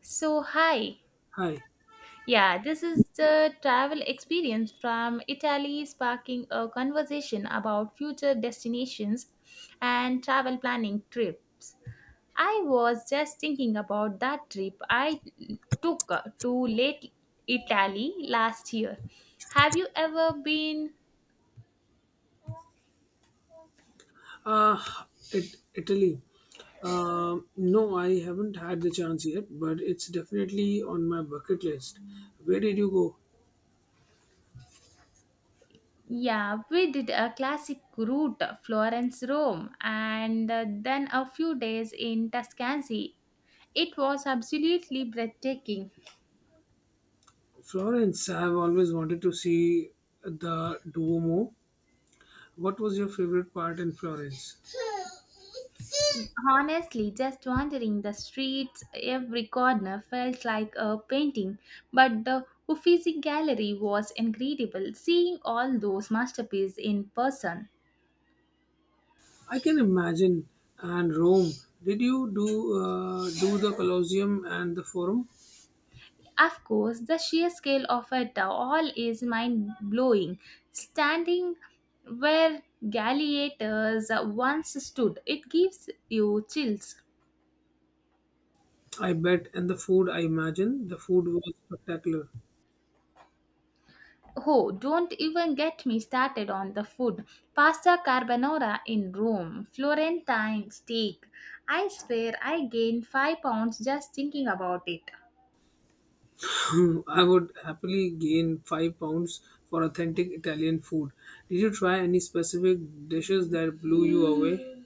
So, hi. Hi. Yeah, this is the travel experience from Italy, sparking a conversation about future destinations and travel planning trips. I was just thinking about that trip I took to late Italy last year. Have you ever been? Uh, Italy. No, I haven't had the chance yet, but it's definitely on my bucket list. Where did you go? Yeah, we did a classic route Florence, Rome, and then a few days in Tuscany. It was absolutely breathtaking. Florence. I have always wanted to see the Duomo. What was your favorite part in Florence? Honestly, just wandering the streets, every corner felt like a painting. But the Uffizi Gallery was incredible, seeing all those masterpieces in person. I can imagine. And Rome. Did you do do the Colosseum and the Forum? Of course, the sheer scale of it all is mind blowing. Standing where gladiators once stood, it gives you chills. I bet. And the food, I imagine. The food was spectacular. Oh, don't even get me started on the food. Pasta carbonara in Rome, Florentine steak. I swear I gained 5 pounds just thinking about it. I would happily gain 5 pounds for authentic Italian food. Did you try any specific dishes that blew you away?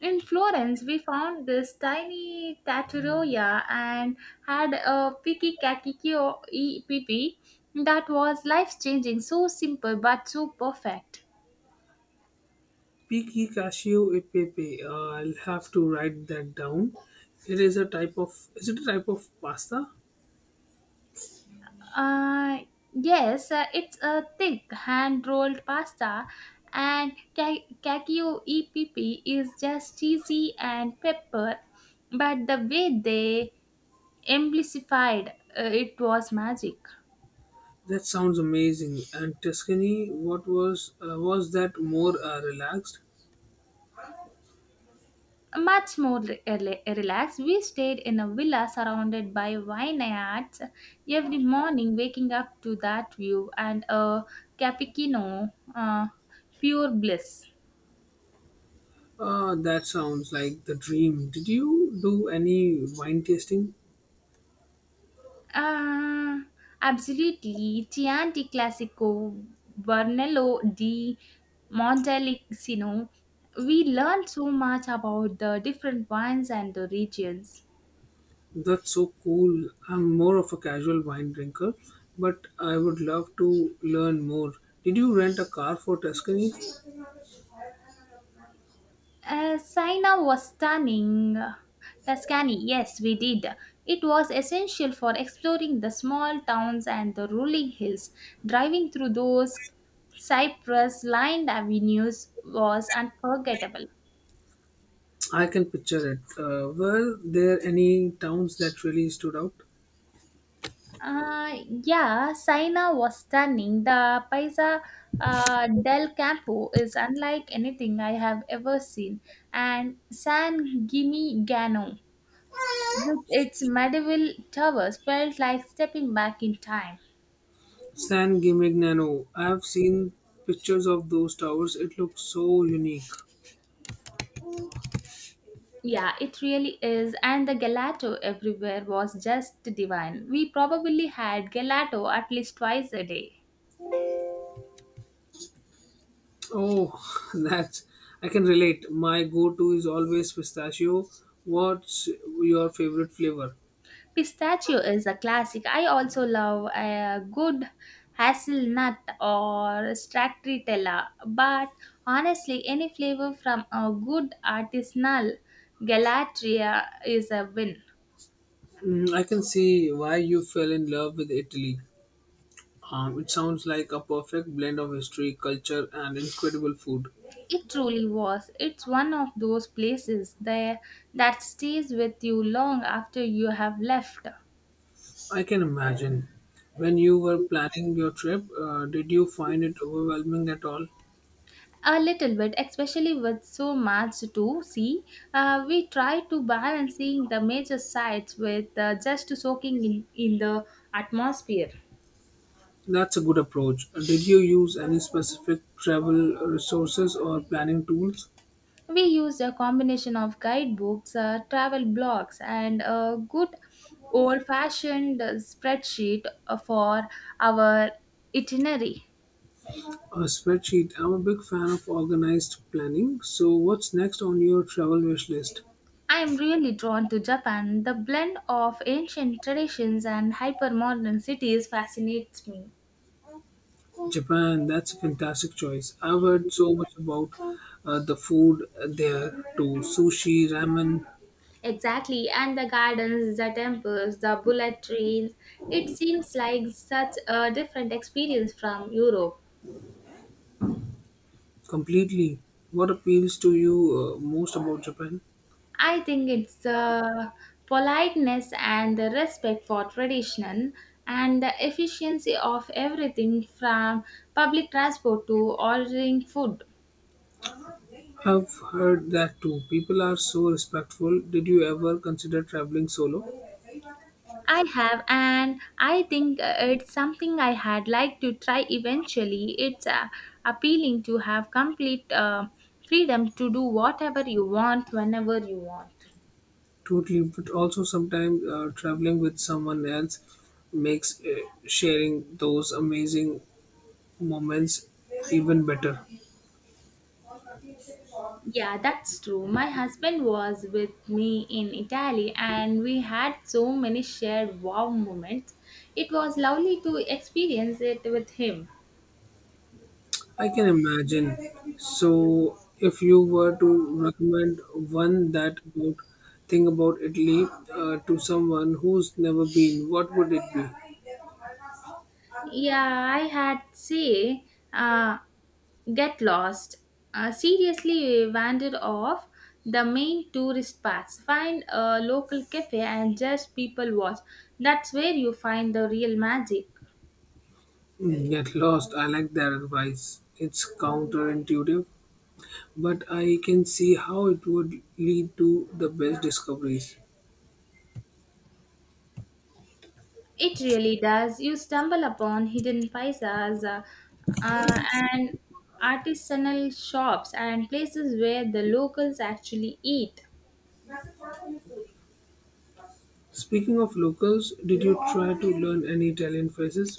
In Florence, we found this tiny trattoria and had a picky kakikio pipi that was life changing, so simple but so perfect. Piki cascio e pepe. I'll have to write that down. It is a type of. Is it a type of pasta? Uh, yes, it's a thick hand rolled pasta, and Kakio EPP is just cheesy and pepper, but the way they amplified it was magic. That sounds amazing. And Tuscany, what was that more relaxed? Much more relaxed, we stayed in a villa surrounded by vineyards every morning, waking up to that view and a cappuccino, pure bliss. That sounds like the dream. Did you do any wine tasting? Ah, absolutely. Chianti Classico, Brunello di Montalcino. We learned so much about the different wines and the regions. That's so cool. I'm more of a casual wine drinker, but I would love to learn more. Did you rent a car for Tuscany? Sina was stunning. Tuscany, yes, we did. It was essential for exploring the small towns and the rolling hills. Driving through those cypress lined avenues was unforgettable. I can picture it. Were there any towns that really stood out? Yeah, Saina was stunning. The Paisa del Campo is unlike anything I have ever seen. And San Gimignano, with its medieval towers, felt like stepping back in time. San Gimignano. I've seen pictures of those towers. It looks so unique. Yeah, it really is. And the gelato everywhere was just divine. We probably had gelato at least twice a day. Oh, that's I can relate. My go-to is always pistachio. What's your favorite flavor? Pistachio is a classic. I also love a good hazelnut or stracciatella, but honestly, any flavor from a good artisanal gelateria is a win. Mm, I can see why you fell in love with Italy. It sounds like a perfect blend of history, culture, and incredible food. It truly was. It's one of those places there that stays with you long after you have left. I can imagine. When you were planning your trip, did you find it overwhelming at all? A little bit, especially with so much to see. We try to balance seeing the major sites with just soaking in the atmosphere. That's a good approach. Did you use any specific travel resources or planning tools? We used a combination of guidebooks, travel blogs, and a good old fashioned spreadsheet for our itinerary. A spreadsheet. I'm a big fan of organized planning. So, what's next on your travel wish list? I am really drawn to Japan. The blend of ancient traditions and hyper modern cities fascinates me. Japan, that's a fantastic choice. I've heard so much about the food there too, sushi, ramen. Exactly, and the gardens, the temples, the bullet trains. It seems like such a different experience from Europe. Completely. What appeals to you most about Japan? I think it's the politeness and the respect for tradition and the efficiency of everything from public transport to ordering food. I've heard that too. People are so respectful. Did you ever consider traveling solo? I have, and I think it's something I had like to try eventually. It's appealing to have complete freedom to do whatever you want whenever you want. Totally, but also sometimes traveling with someone else makes sharing those amazing moments even better. Yeah, that's true. My husband was with me in Italy and we had so many shared wow moments. It was lovely to experience it with him. I can imagine. So, if you were to recommend one that about thing about Italy to someone who's never been, what would it be? Yeah, I had say, uh, get lost. Seriously, we wandered off the main tourist paths. Find a local cafe and just people watch. That's where you find the real magic. Mm, get lost. I like that advice. It's counterintuitive, but I can see how it would lead to the best discoveries. It really does. You stumble upon hidden paisas and artisanal shops and places where the locals actually eat. Speaking of locals, did you try to learn any Italian phrases?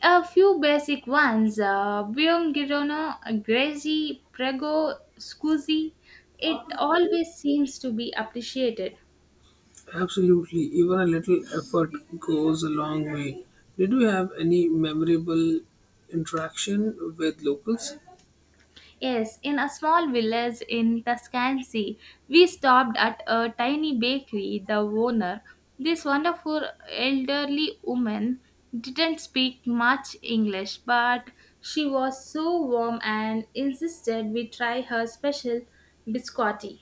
A few basic ones Biom Girono, Grazi, Prego, Scusi. It always seems to be appreciated. Absolutely, even a little effort goes a long way. Did you have any memorable interaction with locals? Yes, in a small village in Tuscany, we stopped at a tiny bakery. The owner, this wonderful elderly woman, didn't speak much English, but she was so warm and insisted we try her special biscotti.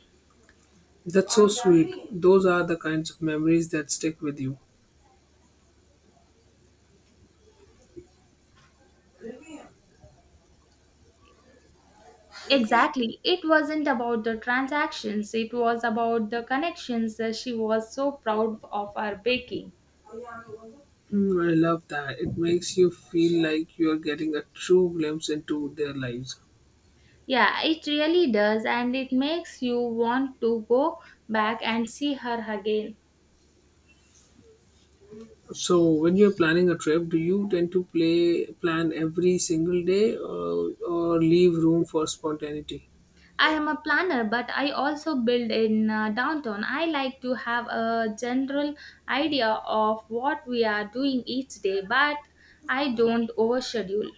That's so sweet. Those are the kinds of memories that stick with you. Exactly. It wasn't about the transactions, it was about the connections that she was so proud of her baking. Mm, I love that. It makes you feel like you're getting a true glimpse into their lives. Yeah, it really does, and it makes you want to go back and see her again. So, when you're planning a trip, do you tend to play plan every single day or leave room for spontaneity? I am a planner, but I also build in downtown. I like to have a general idea of what we are doing each day, but I don't overschedule.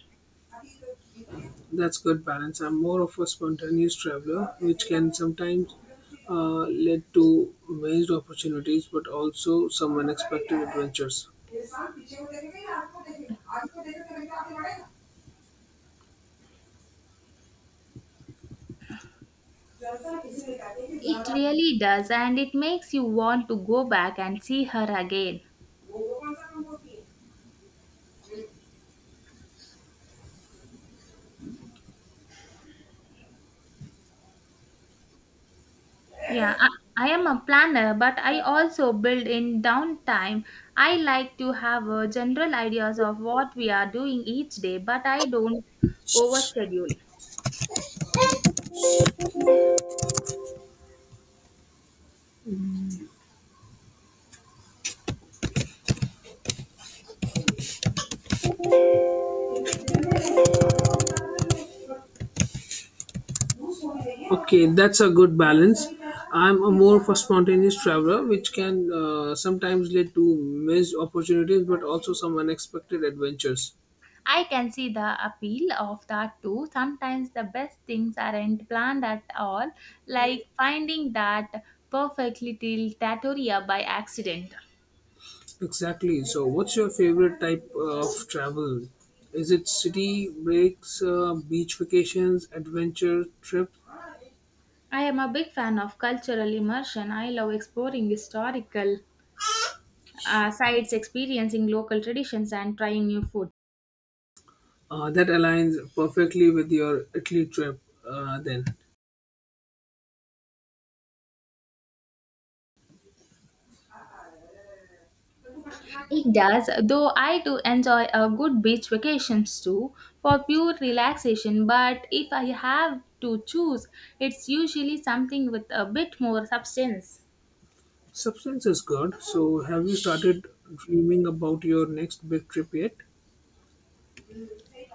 That's good balance. I'm more of a spontaneous traveler, which can sometimes lead to missed opportunities, but also some unexpected adventures. It really does, and it makes you want to go back and see her again. Yeah, I am a planner, but I also build in downtime. I like to have a general ideas of what we are doing each day, but I don't overschedule. Okay, that's a good balance. I'm a more of a spontaneous traveler, which can sometimes lead to missed opportunities, but also some unexpected adventures. I can see the appeal of that too. Sometimes the best things aren't planned at all, like finding that perfect little trattoria by accident. Exactly. So, what's your favorite type of travel? Is it city breaks, beach vacations, adventure trip? I am a big fan of cultural immersion. I love exploring historical sites, experiencing local traditions, and trying new food. That aligns perfectly with your Italy trip, then. It does, though I do enjoy a good beach vacations too for pure relaxation. But if I have to choose, it's usually something with a bit more substance. Substance is good. So, have you started dreaming about your next big trip yet?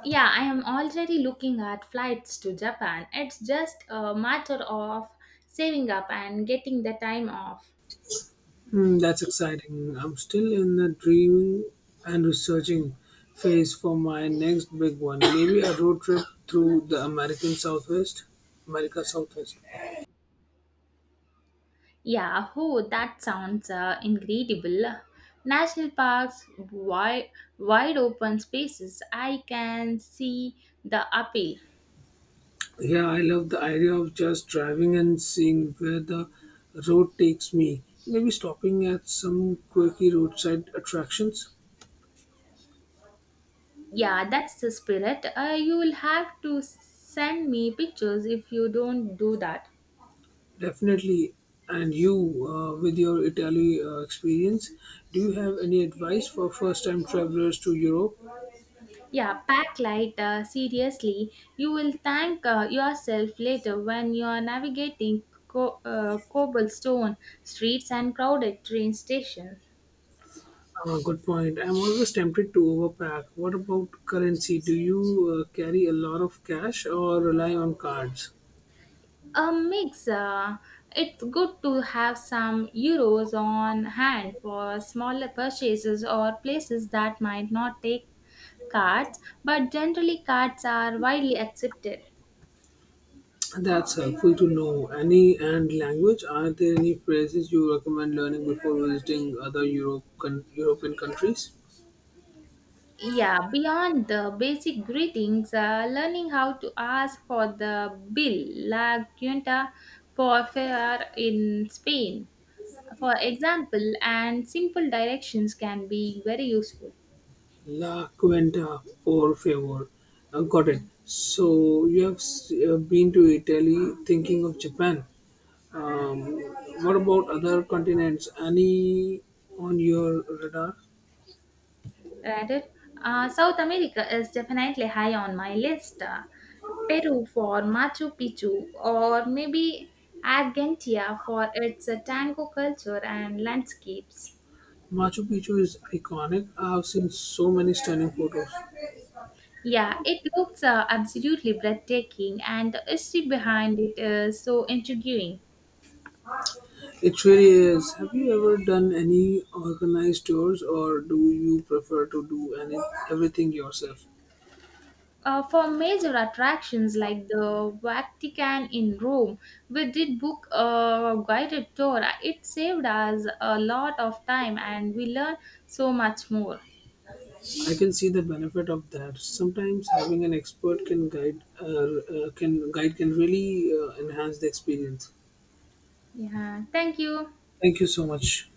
Yeah, I am already looking at flights to Japan. It's just a matter of saving up and getting the time off. Hmm, that's exciting. I'm still in the dreaming and researching phase for my next big one. Maybe a road trip through the American Southwest. America Southwest. Yeah, oh, that sounds incredible. National parks, wide open spaces, I can see the appeal. Yeah, I love the idea of just driving and seeing where the road takes me. Maybe stopping at some quirky roadside attractions. Yeah, that's the spirit, you will have to send me pictures if you don't do that. Definitely. And you, with your Italy experience, do you have any advice for first-time travelers to Europe? Yeah, pack light, seriously, you will thank yourself later when you are navigating cobblestone streets and crowded train stations. Good point. I'm always tempted to overpack. What about currency? Do you carry a lot of cash or rely on cards? A mix, it's good to have some euros on hand for smaller purchases or places that might not take cards, but generally cards are widely accepted. That's helpful to know. Any and language? Are there any phrases you recommend learning before visiting other Europe, European countries? Yeah, beyond the basic greetings, learning how to ask for the bill, la cuenta por favor in Spain, for example, and simple directions can be very useful. La Quinta, por favor. Got it. So you have been to Italy, thinking of Japan. Um, what about other continents? Any on your radar? Rather, South America is definitely high on my list. Peru for Machu Picchu, or maybe Argentina for its tango culture and landscapes. Machu Picchu is iconic. I have seen so many stunning photos. Yeah, it looks absolutely breathtaking, and the history behind it is so intriguing. It really is. Have you ever done any organized tours, or do you prefer to do everything yourself? For major attractions like the Vatican in Rome, we did book a guided tour. It saved us a lot of time and we learned so much more. I can see the benefit of that. Sometimes having an expert can guide can guide can really enhance the experience. Yeah, thank you. Thank you so much.